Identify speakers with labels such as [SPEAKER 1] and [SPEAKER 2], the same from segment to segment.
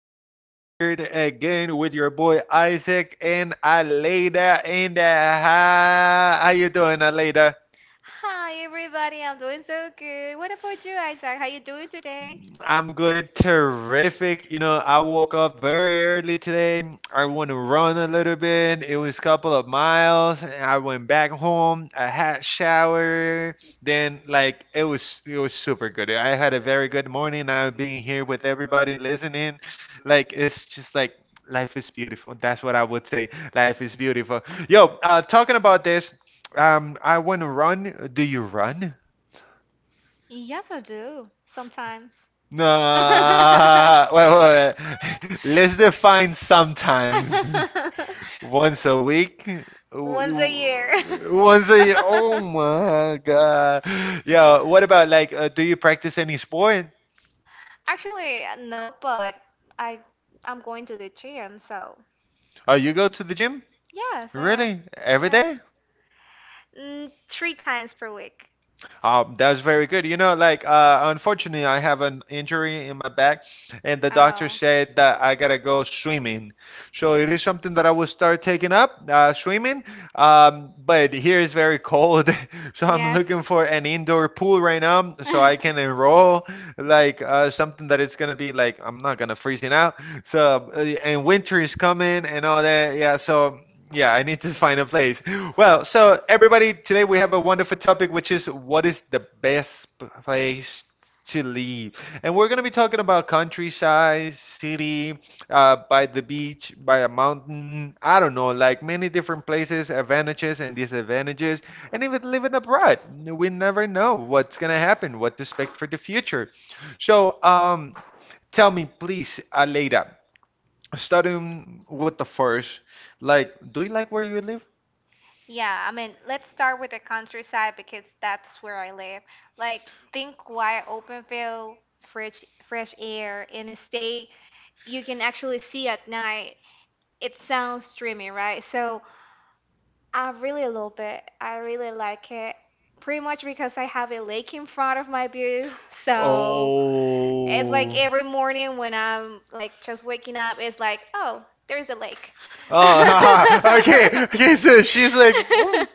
[SPEAKER 1] for being here again with your boy Isaac and Aleida in the house. How you doing, Aleida?
[SPEAKER 2] Hi everybody, I'm doing so good. What about you, Isaac? How you doing today?
[SPEAKER 1] I'm good, terrific. You know, I woke up very early today. I went to run a little bit. It was a couple of miles. And I went back home. I had shower. Then, like, it was super good. I had a very good morning. I've been here with everybody listening. Like, it's just like life is beautiful. That's what I would say. Life is beautiful. Yo, talking about this, I went to run. Do you run?
[SPEAKER 2] Yes, I do. Sometimes.
[SPEAKER 1] Nah, wait, wait, wait. Let's define sometimes. Once a week?
[SPEAKER 2] Once a
[SPEAKER 1] W-
[SPEAKER 2] year.
[SPEAKER 1] Once a year. Oh my God. Yeah, what about like, do you practice any sport?
[SPEAKER 2] Actually, no, but I I'm going to the gym, so
[SPEAKER 1] Oh, you go to the gym?
[SPEAKER 2] yes, I am.
[SPEAKER 1] Really? Every
[SPEAKER 2] Yeah.
[SPEAKER 1] day?
[SPEAKER 2] Three times per week.
[SPEAKER 1] That's very good. You know, like unfortunately, I have an injury in my back, and the doctor
[SPEAKER 2] Oh.
[SPEAKER 1] said that I gotta go swimming. So it is something that I will start taking up, swimming. But here is very cold, so I'm
[SPEAKER 2] Yes.
[SPEAKER 1] looking for an indoor pool right now, so I can enroll like something that it's gonna be like I'm not gonna freezing out. So and winter is coming and all that. Yeah. So yeah, I need to find a place. Well, so everybody, today we have a wonderful topic, which is what is the best place to live? And we're going to be talking about countryside, city, by the beach, by a mountain. I don't know, like many different places, advantages and disadvantages, and even living abroad. We never know what's going to happen, what to expect for the future. So, tell me, please, Aleida. Starting with the first, like, do you like where you live?
[SPEAKER 2] Yeah, I mean, let's start with the countryside because that's where I live. Like, think wide open field, fresh air, and a state you can actually see at night. It sounds dreamy, right? So I really love it. I really like it. Pretty much because I have a lake in front of my view. So it's like
[SPEAKER 1] Oh.
[SPEAKER 2] every morning when I'm like just waking up, it's like, oh, there's a lake.
[SPEAKER 1] Oh, haha. Okay, okay. So she's like, "Mm,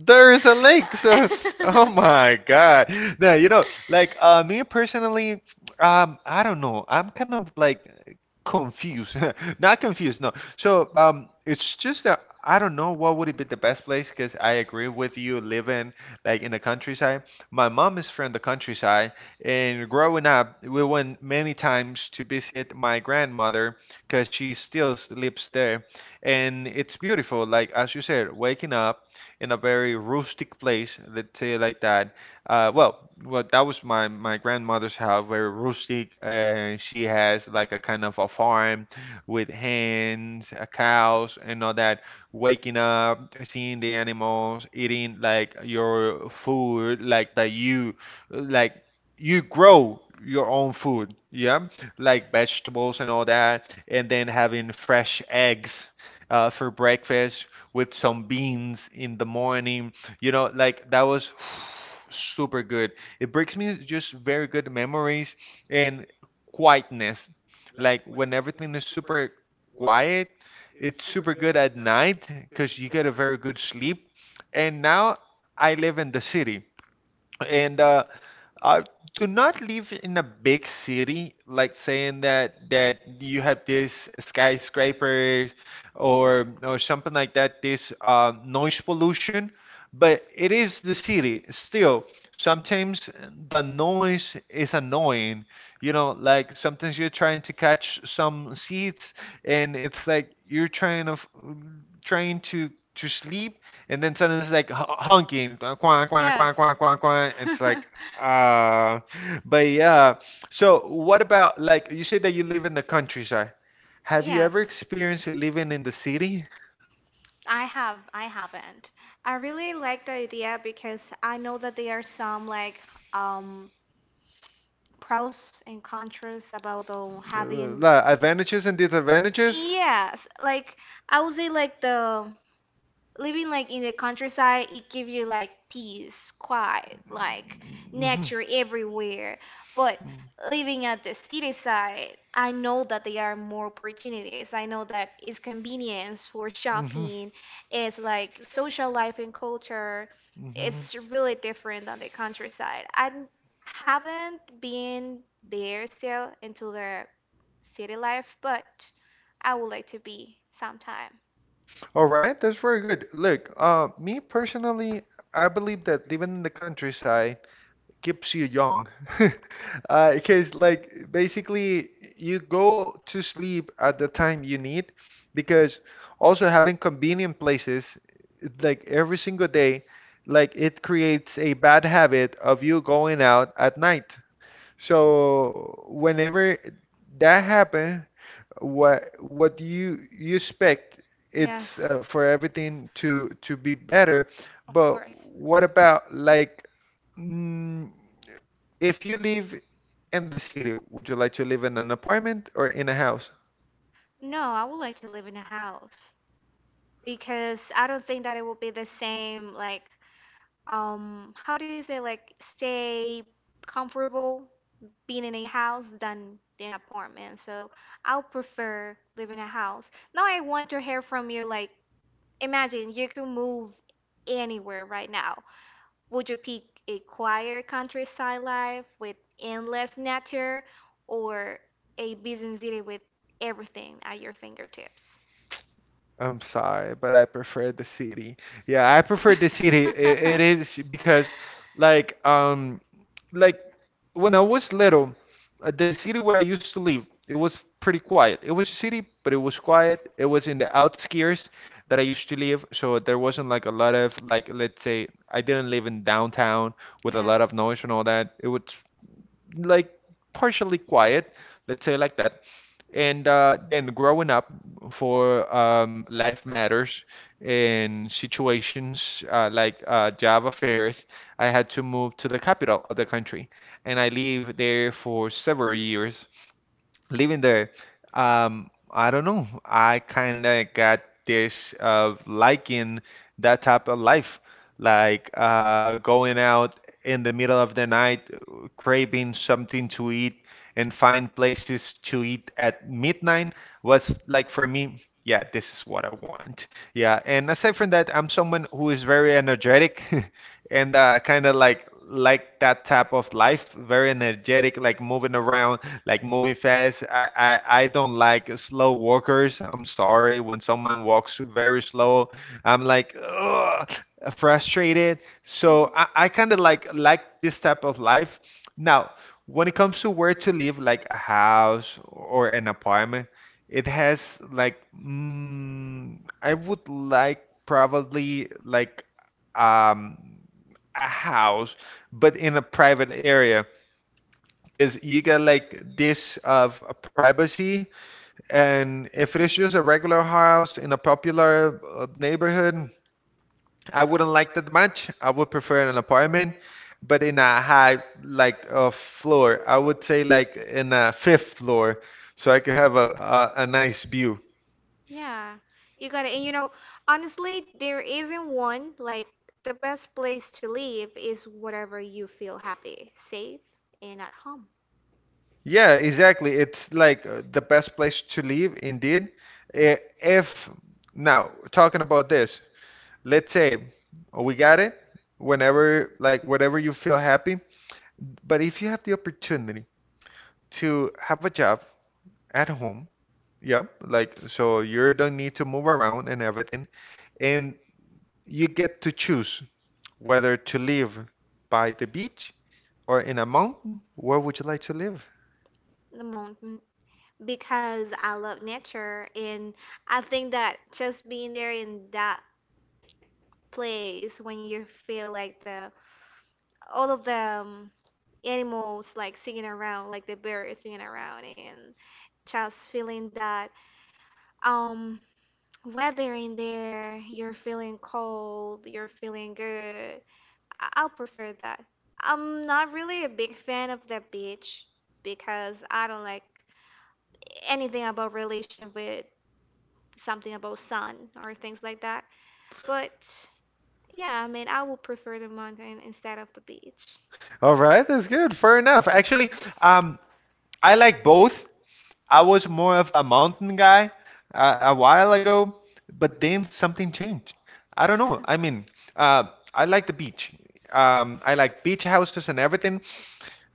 [SPEAKER 1] there is a lake." So, oh my God. Now you know, like me personally, I don't know. I'm kind of like confused. Not confused, no. So, it's just that I don't know what would it be the best place, because I agree with you living like in the countryside. My mom is from the countryside, and growing up, we went many times to visit my grandmother, because she still lives there, and it's beautiful, like as you said, waking up in a very rustic place, let's say like that. uh, well well, that was my grandmother's house, very rustic, and she has like a kind of a farm with hens, cows and all that. Waking up seeing the animals, eating like your food, like that, you like you grow your own food, yeah, like vegetables and all that. And then having fresh eggs for breakfast with some beans in the morning. You know, like that was super good. It brings me just very good memories and quietness. Like when everything is super quiet, it's super good at night because you get a very good sleep. And now I live in the city. And uh, do not live in a big city, like saying that you have this skyscraper or something like that, this noise pollution. But it is the city still. Sometimes the noise is annoying. You know, like sometimes you're trying to catch some seats, and it's like you're trying to trying to sleep, and then suddenly it's like honking, quack quack
[SPEAKER 2] Yes.
[SPEAKER 1] quack quack quack quack. It's like uh, but yeah. So what about like you say that you live in the countryside? Have you
[SPEAKER 2] Yes.
[SPEAKER 1] ever experienced living in the city?
[SPEAKER 2] I haven't. I really like the idea because I know that there are some like um pros and cons about the having.
[SPEAKER 1] Like, advantages and disadvantages?
[SPEAKER 2] Yes, like I would say, like, the living, like, in the countryside, it gives you, like, peace, quiet, like, nature everywhere. But living at the city side, I know that there are more opportunities. I know that it's convenience for
[SPEAKER 1] Mhm.
[SPEAKER 2] shopping. It's like social life and culture.
[SPEAKER 1] Mhm. Mhm.
[SPEAKER 2] It's really different on the countryside. I haven't been there still into the city life, but I would like to be sometime.
[SPEAKER 1] All right, that's very good. Look, me personally, I believe that living in the countryside keeps you young. Because, like, basically, you go to sleep at the time you need, because also having convenient places, like every single day, like it creates a bad habit of you going out at night. So, whenever that happens, what you expect it's
[SPEAKER 2] Yes,
[SPEAKER 1] for everything to be better.
[SPEAKER 2] of
[SPEAKER 1] But
[SPEAKER 2] course.
[SPEAKER 1] what about like mm, if you live in the city, would you like to live in an apartment or in a house?
[SPEAKER 2] No, I would like to live in a house because I don't think that it will be the same, like, how do you say, like, stay comfortable being in a house than in an apartment. So I'll prefer living in a house. Now I want to hear from you, like, imagine you can move anywhere right now. Would you pick a quiet countryside life with endless nature or a busy city with everything at your fingertips?
[SPEAKER 1] I'm sorry, but I prefer the city. Yeah, I prefer the city. It is because, like, um, like when I was little, the city where I used to live, it was pretty quiet. It was a city, but it was quiet. It was in the outskirts that I used to live, so there wasn't like a lot of like, let's say, I didn't live in downtown with a lot of noise and all that. It was like partially quiet, let's say like that. And then growing up for life matters and situations, like job affairs, I had to move to the capital of the country, and I lived there for several years. Living there, I don't know. I kind of got this of liking that type of life, like going out in the middle of the night, craving something to eat, and find places to eat at midnight was like for me. Yeah, this is what I want. Yeah, and aside from that, I'm someone who is very energetic and kind of like that type of life, very energetic, like moving around, like moving fast. I don't like slow walkers. I'm sorry when someone walks very slow. I'm like ugh, frustrated. So
[SPEAKER 2] Mhm.
[SPEAKER 1] I kind of like this type of life. Now, when it comes to where to live, like a house or an apartment, it has like I would like probably like um a house, but in a private area, because you get like this of privacy. And if it is just a regular house in a popular neighborhood, I wouldn't like that much. I would prefer an apartment, but in a high, like a floor, I would say like in a fifth floor, so I could have a nice view.
[SPEAKER 2] Yeah, you got it. And you know, honestly, there isn't one. Like, the best place to live is whatever you feel happy, safe, and at home.
[SPEAKER 1] Yeah, exactly. It's like the best place to live indeed. If now talking about this, let's say we got it, whenever, like, whatever you feel happy. But if you have the opportunity to have a job at home, yeah, like, so you don't need to move around and everything, and you get to choose whether to live by the beach or in a mountain, where would you like to live?
[SPEAKER 2] The mountain. Because I love nature, and I think that just being there in that place when you feel like the all of the animals like singing around, like the birds singing around, and just feeling that. um weather in there, you're feeling cold, you're feeling good. I'll prefer that. I'm not really a big fan of the beach because I don't like anything about relation with something about sun or things like that. But yeah, I mean, I would prefer the mountain instead of the beach.
[SPEAKER 1] All right, that's good. Fair enough. Actually, um, I like both. I was more of a mountain guy a while ago, but then something changed. I don't know. I mean, uh, I like the beach. I like beach houses and everything.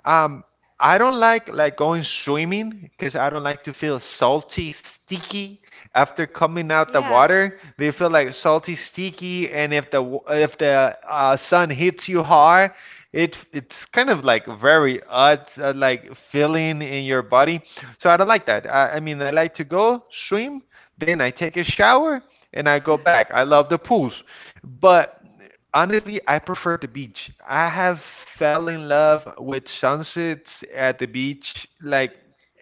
[SPEAKER 1] um, I don't like going swimming, because I don't like to feel salty, sticky after coming out the
[SPEAKER 2] Yes.
[SPEAKER 1] water. They feel like salty, sticky, and if the if the sun hits you hard, it's kind of like very odd, like feeling in your body. So I don't like that. I mean, I like to go swim, then I take a shower and I go back. I love the pools, but, honestly, I prefer the beach. I have fell in love with sunsets at the beach, like,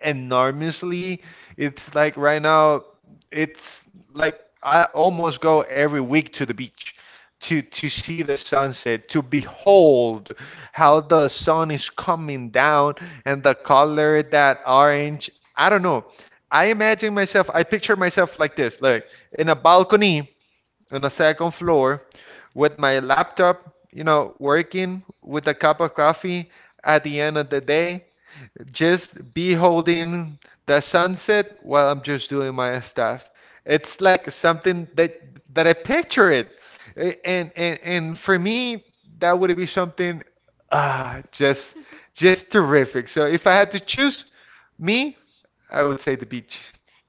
[SPEAKER 1] enormously. It's like right now, it's like I almost go every week to the beach to see the sunset, to behold how the sun is coming down and the color, that orange. I don't know. I imagine myself, I picture myself like this, like in a balcony on a second floor with my laptop, you know, working with a cup of coffee at the end of the day, just beholding the sunset while I'm just doing my stuff. It's like something that I picture it. And for me, that would be something, ah, just terrific. So if I had to choose me, I would say the beach.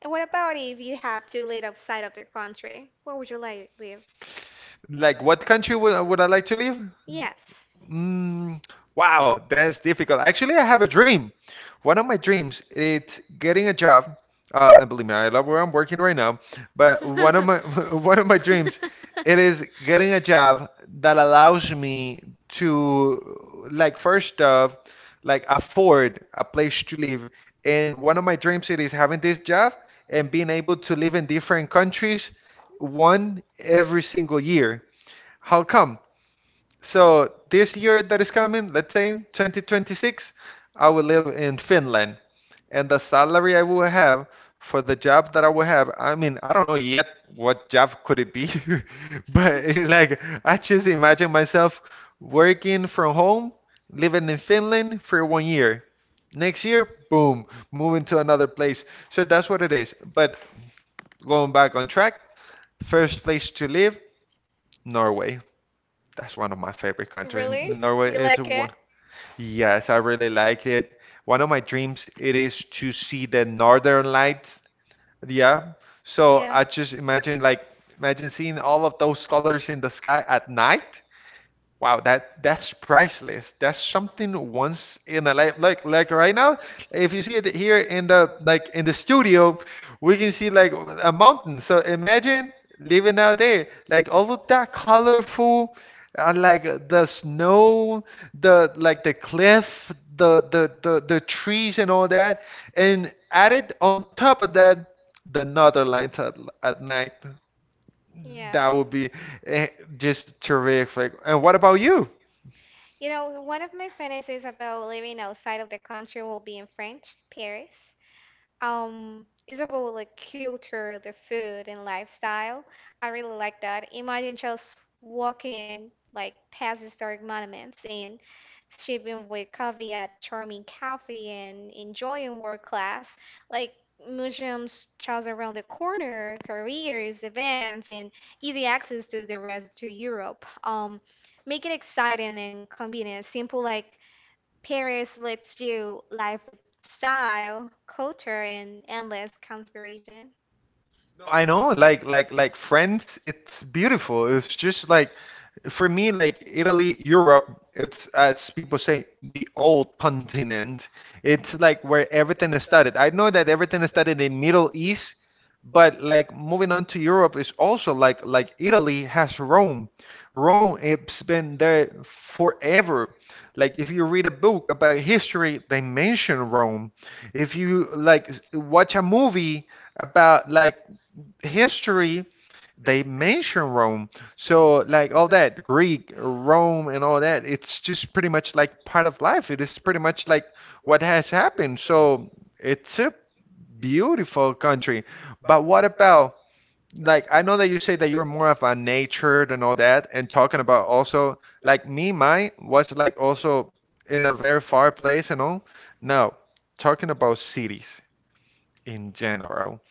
[SPEAKER 2] And what about if you had to live outside of the country? Where would you like live?
[SPEAKER 1] Like what country would I like to live?
[SPEAKER 2] Yes.
[SPEAKER 1] Mm, wow, that's difficult. Actually, I have a dream. One of my dreams, it's getting a job. And believe me, I love where I'm working right now. But one of my one of my dreams, it is getting a job that allows me to, like, first off, like afford a place to live. And one of my dreams, it is having this job and being able to live in different countries, one every single year. How come? So this year that is coming, let's say in 2026, I will live in Finland, and the salary I will have for the job that I will have, I mean, I don't know yet what job could it be, but like I just imagine myself working from home, living in Finland for 1 year. Next year, boom, moving to another place. So that's what it is. But going back on track, first place to live, Norway. That's one of my favorite countries.
[SPEAKER 2] Really?
[SPEAKER 1] Norway
[SPEAKER 2] You
[SPEAKER 1] is
[SPEAKER 2] like it?
[SPEAKER 1] one. Yes, I really like it. One of my dreams, it is to see the northern lights. Yeah. So
[SPEAKER 2] Yeah.
[SPEAKER 1] I just imagine, like, imagine seeing all of those colors in the sky at night. Wow, that's priceless. That's something once in a life. Like right now, if you see it here in the, like, in the studio, we can see like a mountain. So imagine living out there, like all of that colorful, like the snow, the, like, the cliff, the trees and all that, and added on top of that the northern lights at night. That
[SPEAKER 2] Yeah.
[SPEAKER 1] would be eh, just terrific. And what about you?
[SPEAKER 2] You know, one of my fantasies about living outside of the country will be in French, Paris. It's about like culture, the food and lifestyle. I really like that. Imagine just walking like past historic monuments and sipping with coffee at charming coffee and enjoying world class like museums just around the corner, careers, events, and easy access to the rest to Europe. Make it exciting and convenient, simple like Paris lets you live with style, culture, and endless conspiration.
[SPEAKER 1] No, I know, like, like Friends, it's beautiful. It's just like for me, like Italy, Europe, it's as people say, the old continent. It's like where everything is started. I know that everything is started in Middle East, but, like, moving on to Europe is also like Italy has Rome. Rome, it's been there forever. Like, if you read a book about history, they mention Rome. If you, like, watch a movie about like history, they mention Rome. So like all that Greek, Rome and all that, it's just pretty much like part of life. It is pretty much like what has happened. So it's a beautiful country. But what about, like, I know that you say that you're more of a nature than all that, and talking about also, like, me, mine was like also in a very far place and all. Now, talking about cities in general,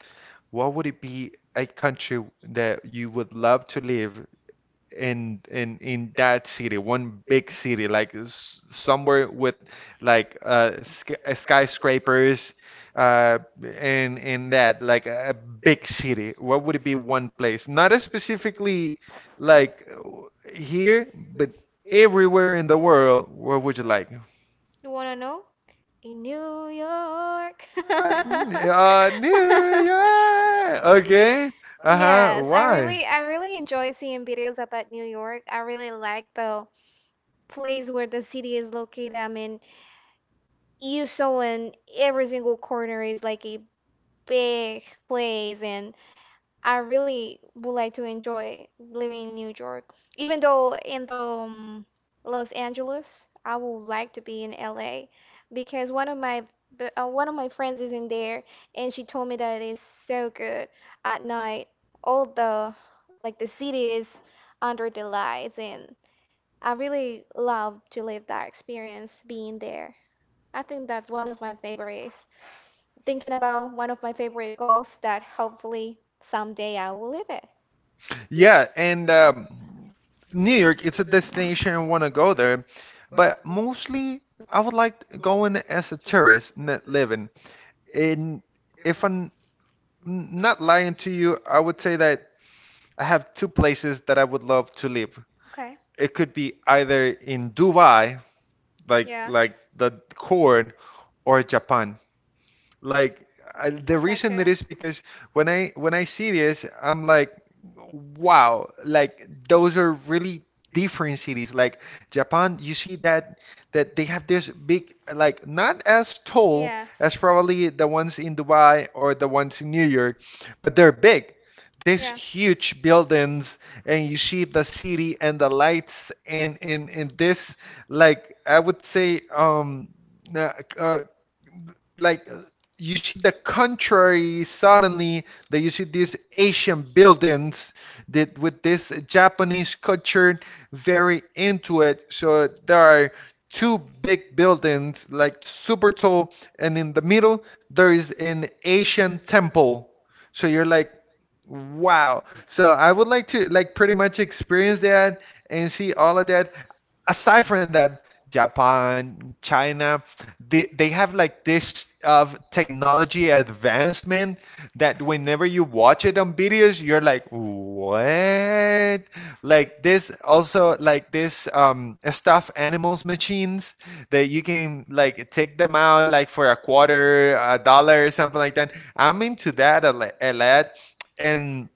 [SPEAKER 1] what would it be a country that you would love to live in that city, one big city, like somewhere with like sk skyscrapers uh, and that, like a big city? What would it be one place? Not a specifically like here, but everywhere in the world. Where would you like?
[SPEAKER 2] You wanna know? In New York.
[SPEAKER 1] Uh, Ah. New York. Okay. Uh-huh.
[SPEAKER 2] Yes,
[SPEAKER 1] Why?
[SPEAKER 2] I really enjoy seeing videos about New York. I really like the place where the city is located. I mean, you saw in every single corner is like a big place, and I really would like to enjoy living in New York, even though in the Los Angeles, I would like to be in LA because one of my friends is in there, and she told me that it's so good at night. All the like the city is under the lights, and I really love to live that experience being there. I think that's one of my favorites. Thinking about one of my favorite goals that hopefully someday I will live it.
[SPEAKER 1] Yeah, and New York, it's a destination I want to go there, but mostly I would like to go in as a tourist, not living. And if I'm not lying to you, I would say that I have two places that I would love to live.
[SPEAKER 2] Okay.
[SPEAKER 1] It could be either in Dubai, like
[SPEAKER 2] Yeah.
[SPEAKER 1] like the corn, or Japan. Like, I, the
[SPEAKER 2] I
[SPEAKER 1] reason it
[SPEAKER 2] gotcha.
[SPEAKER 1] is because when I see this, I'm like, wow, like those are really different cities. Like Japan, you see that they have this big, like not as tall
[SPEAKER 2] Yes.
[SPEAKER 1] as probably the ones in Dubai or the ones in New York, but they're big. These
[SPEAKER 2] Yeah.
[SPEAKER 1] huge buildings, and you see the city and the lights, and in this, like I would say, uh, uh, like you see the country suddenly that you see these Asian buildings that with this Japanese culture very into it. So there are two big buildings like super tall, and in the middle there is an Asian temple. So you're like, wow. So I would like to, like, pretty much experience that and see all of that. Aside from that, Japan, China, they have like this technology advancement that whenever you watch it on videos, you're like, what? Like this also like this stuffed animals machines that you can like take them out like for a quarter, a dollar, something like that. I'm into that a, a lot, and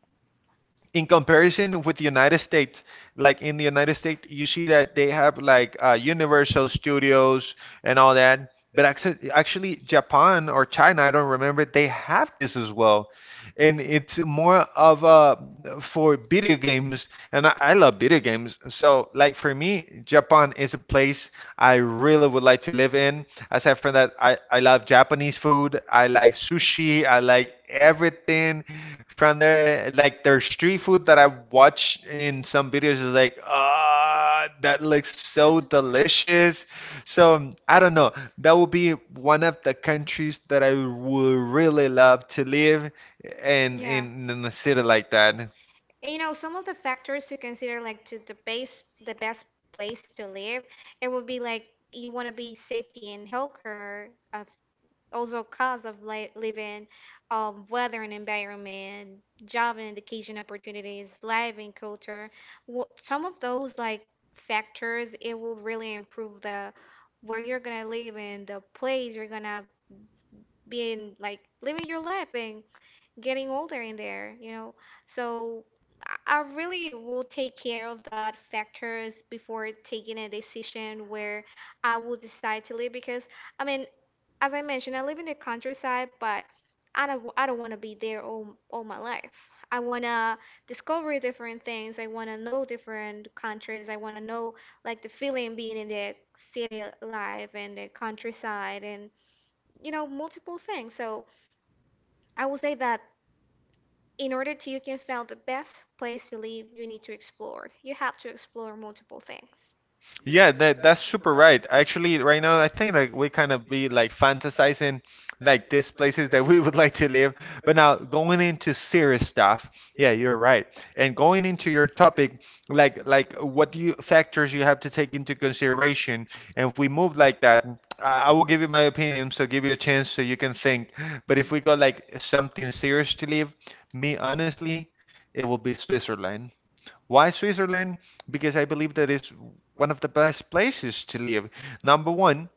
[SPEAKER 1] in comparison with the United States, like in the United States, you see that they have like Universal Studios and all that. But actually, Japan or China, I don't remember, they have this as well. And it's more of a for video games. And I love video games. So, like for me, Japan is a place I really would like to live in. Aside from that, I love Japanese food. I like sushi. I like everything from there, like their street food that I watch in some videos is like, ah, that looks so delicious. So I don't know, that would be one of the countries that I would really love to live in,
[SPEAKER 2] Yeah.
[SPEAKER 1] in a city like that.
[SPEAKER 2] And, you know, some of the factors to consider, like to the base, the best place to live, it would be like you want to be safety and healthcare, also cost of living, weather and environment, job and education opportunities, life and culture. Some of those like factors, it will really improve the where you're gonna live and the place you're gonna be in, like living your life and getting older in there, you know. So I really will take care of that factors before taking a decision where I will decide to live because I mean, as I mentioned, I live in the countryside, but I don't want to be there all my life. I want to discover different things. I want to know different countries. I want to know like the feeling being in the city life and the countryside and you know multiple things. So I will say that in order to you can find the best place to live, you need to explore. You have to explore multiple things.
[SPEAKER 1] Yeah, that's super right. Actually, right now I think like we kind of be like fantasizing like these places that we would like to live. But now going into serious stuff, yeah, you're right. And going into your topic, like what do you factors you have to take into consideration? And if we move like that, I will give you my opinion, so give you a chance so you can think. But if we go like something serious to live, me honestly, it will be Switzerland. Why Switzerland? Because I believe that is one of the best places to live. Number one,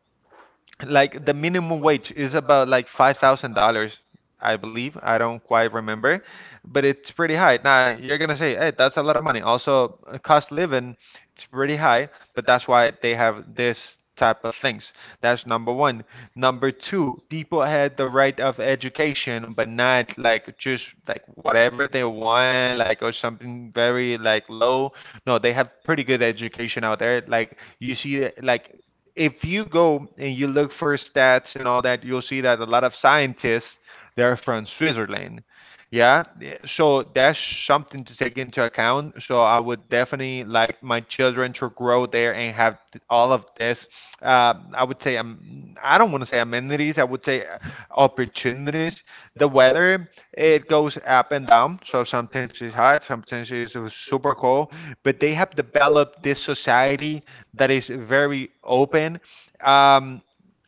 [SPEAKER 1] like the minimum wage is about like $5,000, I believe. I don't quite remember, but it's pretty high. Now you're gonna say, hey, that's a lot of money. Also, cost living, it's pretty high, but that's why they have this type of things. That's number one. Number two, people had the right of education, but not like just like whatever they want, like or something very like low. No, they have pretty good education out there. Like you see, like if you go and you look for stats and all that, you'll see that a lot of scientists they're from Switzerland. Yeah, so that's something to take into account. So I would definitely like my children to grow there and have all of this. I would say I don't want to say amenities. I would say opportunities. The weather it goes up and down. So sometimes it's hot, sometimes it's super cold. But they have developed this society that is very open. Um,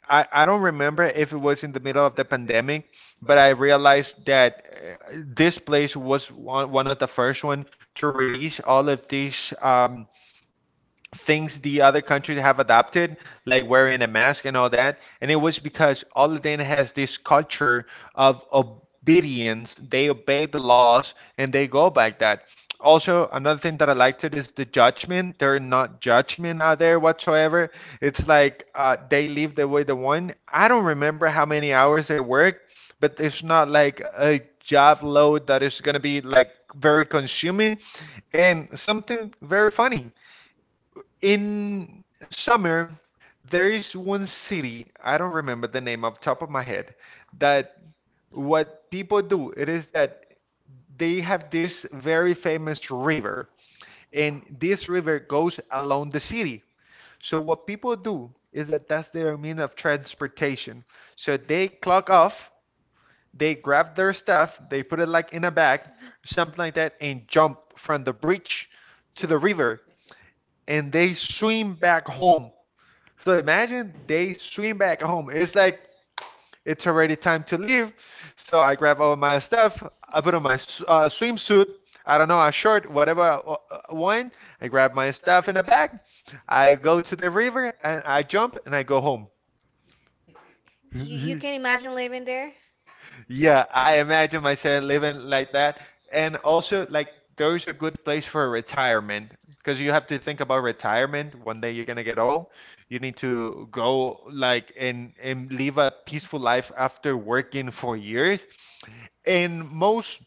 [SPEAKER 1] I don't remember if it was in the middle of the pandemic, but I realized that this place was one, one of the first one to release all of these things the other countries have adopted, like wearing a mask and all that. And it was because all of them has this culture of obedience. They obey the laws and they go by that. Also, another thing that I liked it is the judgment. They're not judgment out there whatsoever. It's like they live the way they want. I don't remember how many hours they work, but it's not like a job load that is going to be like very consuming, and something very funny, in summer, there is one city, I don't remember the name off top of my head, that what people do, it is that they have this very famous river, and this river goes along the city. So what people do is that that's their means of transportation. So they clock off, they grab their stuff, they put it like in a bag, something like that, and jump from the bridge to the river, and they swim back home. So imagine, they swim back home. It's like it's already time to leave. So I grab all my stuff. I put on my swimsuit. I don't know, a short, whatever I want. I grab my stuff in a bag. I go to the river and I jump and I go home.
[SPEAKER 2] You can imagine living there?
[SPEAKER 1] Yeah, I imagine myself living like that. And also, like, there is a good place for retirement because you have to think about retirement. One day you're gonna get old. You need to go like and live a peaceful life after working for years. And most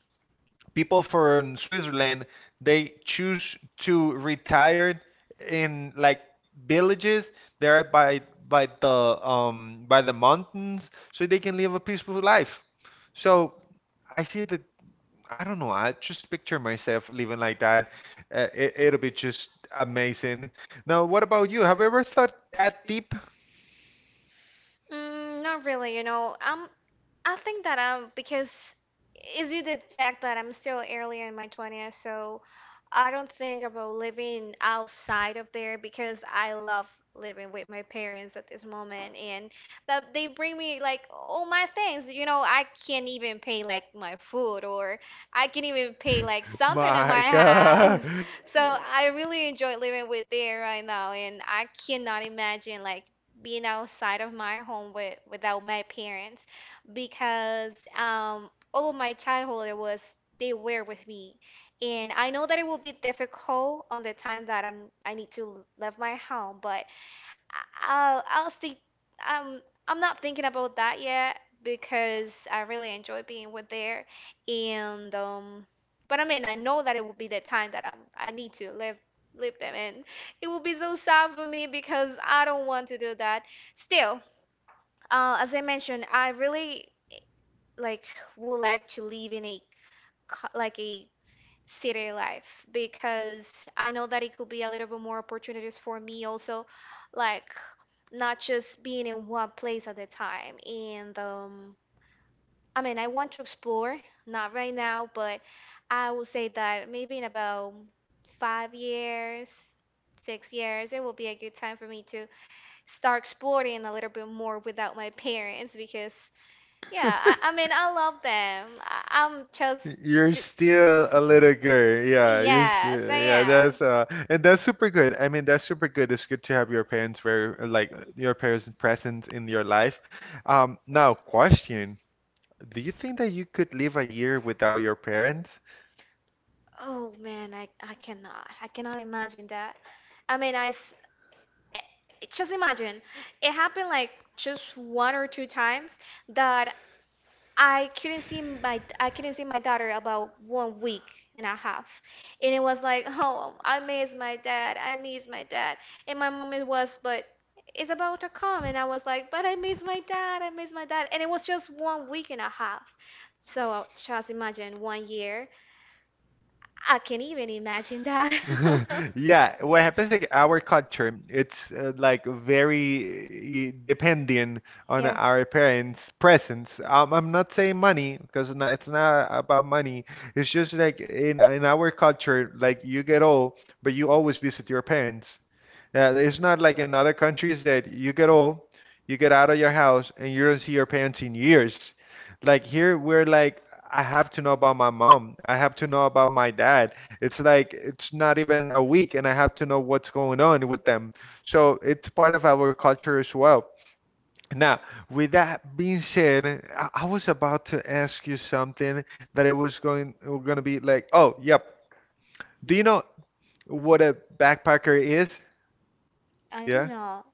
[SPEAKER 1] people from Switzerland they choose to retire in like villages there by the by the mountains so they can live a peaceful life. So I see that, I don't know, I just picture myself living like that. It, it'll be just amazing. Now, what about you? Have you ever thought that deep?
[SPEAKER 2] Mm, not really, you know. I think that because is due to the fact that I'm still early in my 20s, so I don't think about living outside of there because I love living with my parents at this moment and that they bring me like all my things. You know, I can't even pay like my food or I can't even pay like something in my house. So I really enjoy living with there right now and I cannot imagine like being outside of my home without my parents because all of my childhood it was they were with me, and I know that it will be difficult on the time that I need to leave my home, but I'll see. Um, I'm not thinking about that yet because I really enjoy being with there, and but I mean I know that it will be the time that I need to live leave them, and it will be so sad for me because I don't want to do that. Still, as I mentioned, I really like would like to live in like a city life because I know that it could be a little bit more opportunities for me, also like not just being in one place at a time, and I mean I want to explore not right now, but I would say that maybe in about 5 years 6 years it will be a good time for me to start exploring a little bit more without my parents because yeah, I mean, I love them. I'm just.
[SPEAKER 1] You're
[SPEAKER 2] th-
[SPEAKER 1] still a little girl. Yeah, you
[SPEAKER 2] Yes,
[SPEAKER 1] still,
[SPEAKER 2] I
[SPEAKER 1] yeah,
[SPEAKER 2] am.
[SPEAKER 1] that's and that's super good. I mean, that's super good. It's good to have your parents very like your parents present in your life. Now question, do you think that you could live a year without your parents?
[SPEAKER 2] Oh man, I cannot. I cannot imagine that. I mean, eh, just imagine. It happened like just one or two times that I couldn't see my daughter about one week and a half, and it was like, oh, I miss my dad, I miss my dad, and my mom it was, but it's about to come, and I was like, but I miss my dad, I miss my dad, and it was just one week and a half, so just imagine one year. I can't even imagine that.
[SPEAKER 1] Yeah, what happens like our culture, it's like very dependent on our parents' presence. I'm not saying money because it's not about money. It's just like in our culture, like you get old, but you always visit your parents. Yeah, it's not like in other countries that you get old, you get out of your house, and you don't see your parents in years. Like here, we're like, I have to know about my mom. I have to know about my dad. It's like it's not even a week, and I have to know what's going on with them. So it's part of our culture as well. Now, with that being said, I was about to ask you something that it was going to be like, oh, yep. Do you know what a backpacker is?
[SPEAKER 2] I do
[SPEAKER 1] Yeah.
[SPEAKER 2] not.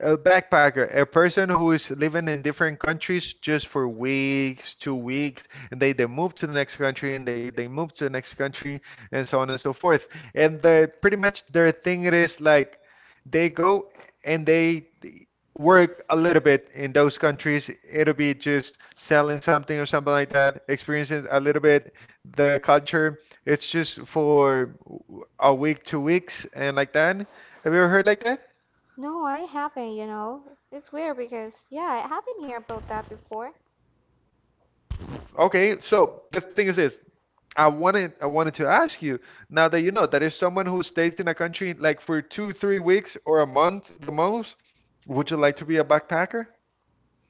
[SPEAKER 1] A backpacker, a person who is living in different countries just for weeks, two weeks, and they move to the next country and they move to the next country and so on and so forth. And they pretty much their thing it is like they go and they work a little bit in those countries. It'll be just selling something or something like that, experiencing a little bit their culture. It's just for a week, two weeks, and like that. Have you ever heard like that?
[SPEAKER 2] No, I haven't. You know. It's weird because, yeah, I haven't heard about that before.
[SPEAKER 1] Okay, so the thing is this. I wanted to ask you now that you know that if someone who stays in a country like for two, three weeks or a month the most, would you like to be a backpacker?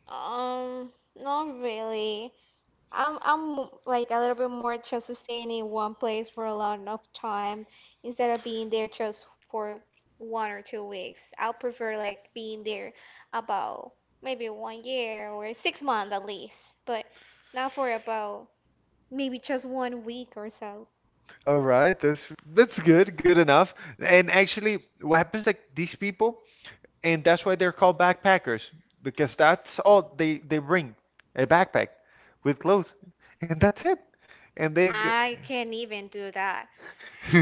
[SPEAKER 2] Um, Not really. I'm like a little bit more just to staying in one place for a long enough time instead of being there just for 1 or 2 weeks. I'll prefer like being there about maybe one year or 6 months at least, but not for about maybe just one week or so.
[SPEAKER 1] All right, that's good, good enough. And actually, what happens like these people, and that's why they're called backpackers because that's all they bring, a backpack with clothes, and that's it. And
[SPEAKER 2] I can't even do that.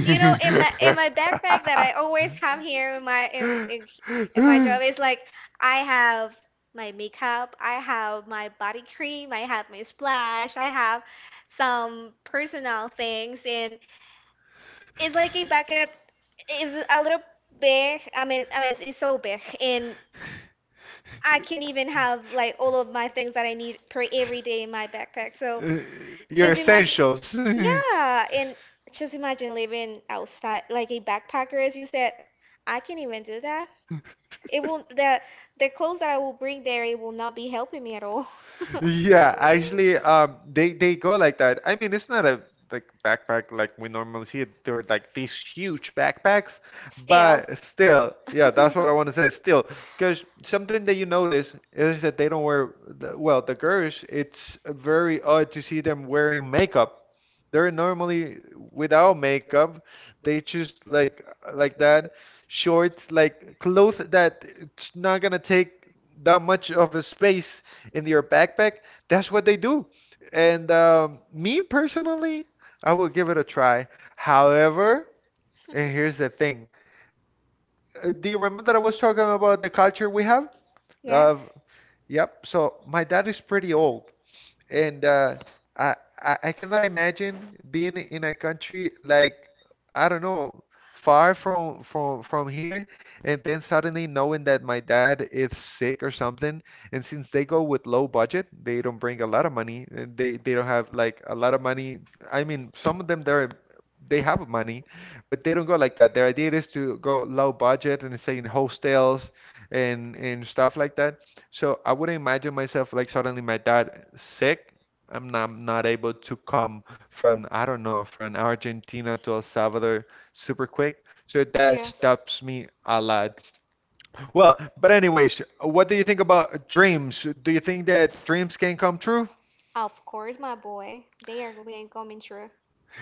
[SPEAKER 2] You know, in my in my backpack that I always have here in my job is like I have my makeup, I have my body cream, I have my splash, I have some personal things and it's like a bucket is a little big. I mean it's so big and I can even have like all of my things that I need per every day in my backpack. So
[SPEAKER 1] Your
[SPEAKER 2] just imagine,
[SPEAKER 1] essentials.
[SPEAKER 2] yeah, and just imagine living outside like a backpacker, as you said. I can't even do that. It will the clothes that I will bring there, it will not be helping me at all.
[SPEAKER 1] Yeah, actually, they go like that. I mean, it's not a like backpack like we normally see it. They're like these huge backpacks,
[SPEAKER 2] Still.
[SPEAKER 1] but still, yeah, that's what I want to say. Still, because something that you notice is that they don't wear the, well, the girls. It's very odd to see them wearing makeup. They're normally without makeup. They choose like that short like clothes that it's not gonna take that much of a space in your backpack. That's what they do. And me personally, I will give it a try. However, and here's the thing. Do you remember that I was talking about the culture we have?
[SPEAKER 2] Yes.
[SPEAKER 1] Uh, yep. So my dad is pretty old. And I cannot imagine being in a country like I don't know, far from from here, and then suddenly knowing that my dad is sick or something, and since they go with low budget, they don't bring a lot of money. And they don't have like a lot of money. I mean, some of them they have money, but they don't go like that. Their idea is to go low budget and stay in hostels and stuff like that. So I wouldn't imagine myself like suddenly my dad sick. I'm not able to come from, I don't know, from Argentina to El Salvador super quick. So that
[SPEAKER 2] Yes.
[SPEAKER 1] stops me a lot. Well, but anyways, what do you think about dreams? Do you think that dreams can come true?
[SPEAKER 2] Of course, my boy. They are going coming true.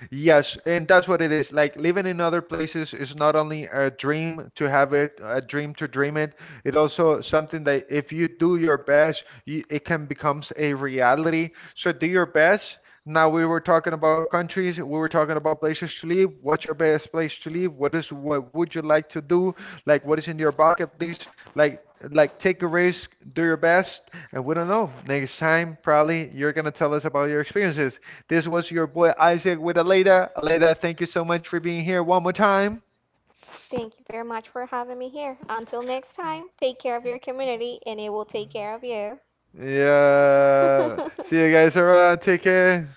[SPEAKER 1] Yes, and that's what it is. Like living in other places is not only a dream to have it, a dream to dream it. It also something that if you do your best, you, it can becomes a reality. So do your best. Now we were talking about countries, we were talking about places to live. What's your best place to live? What is what would you like to do? Like what is in your bucket list? Like take a risk, do your best, and we don't know. Next time probably you're gonna tell us about your experiences. This was your boy Isaac with Aleda. Aleda, thank you so much for being here one more time.
[SPEAKER 2] Thank you very much for having me here. Until next time, take care of your community and it will take care of you. Yeah.
[SPEAKER 1] Yeah. See
[SPEAKER 2] See
[SPEAKER 1] you
[SPEAKER 2] you
[SPEAKER 1] guys
[SPEAKER 2] guys around.
[SPEAKER 1] around. Take
[SPEAKER 2] Take care.
[SPEAKER 1] care.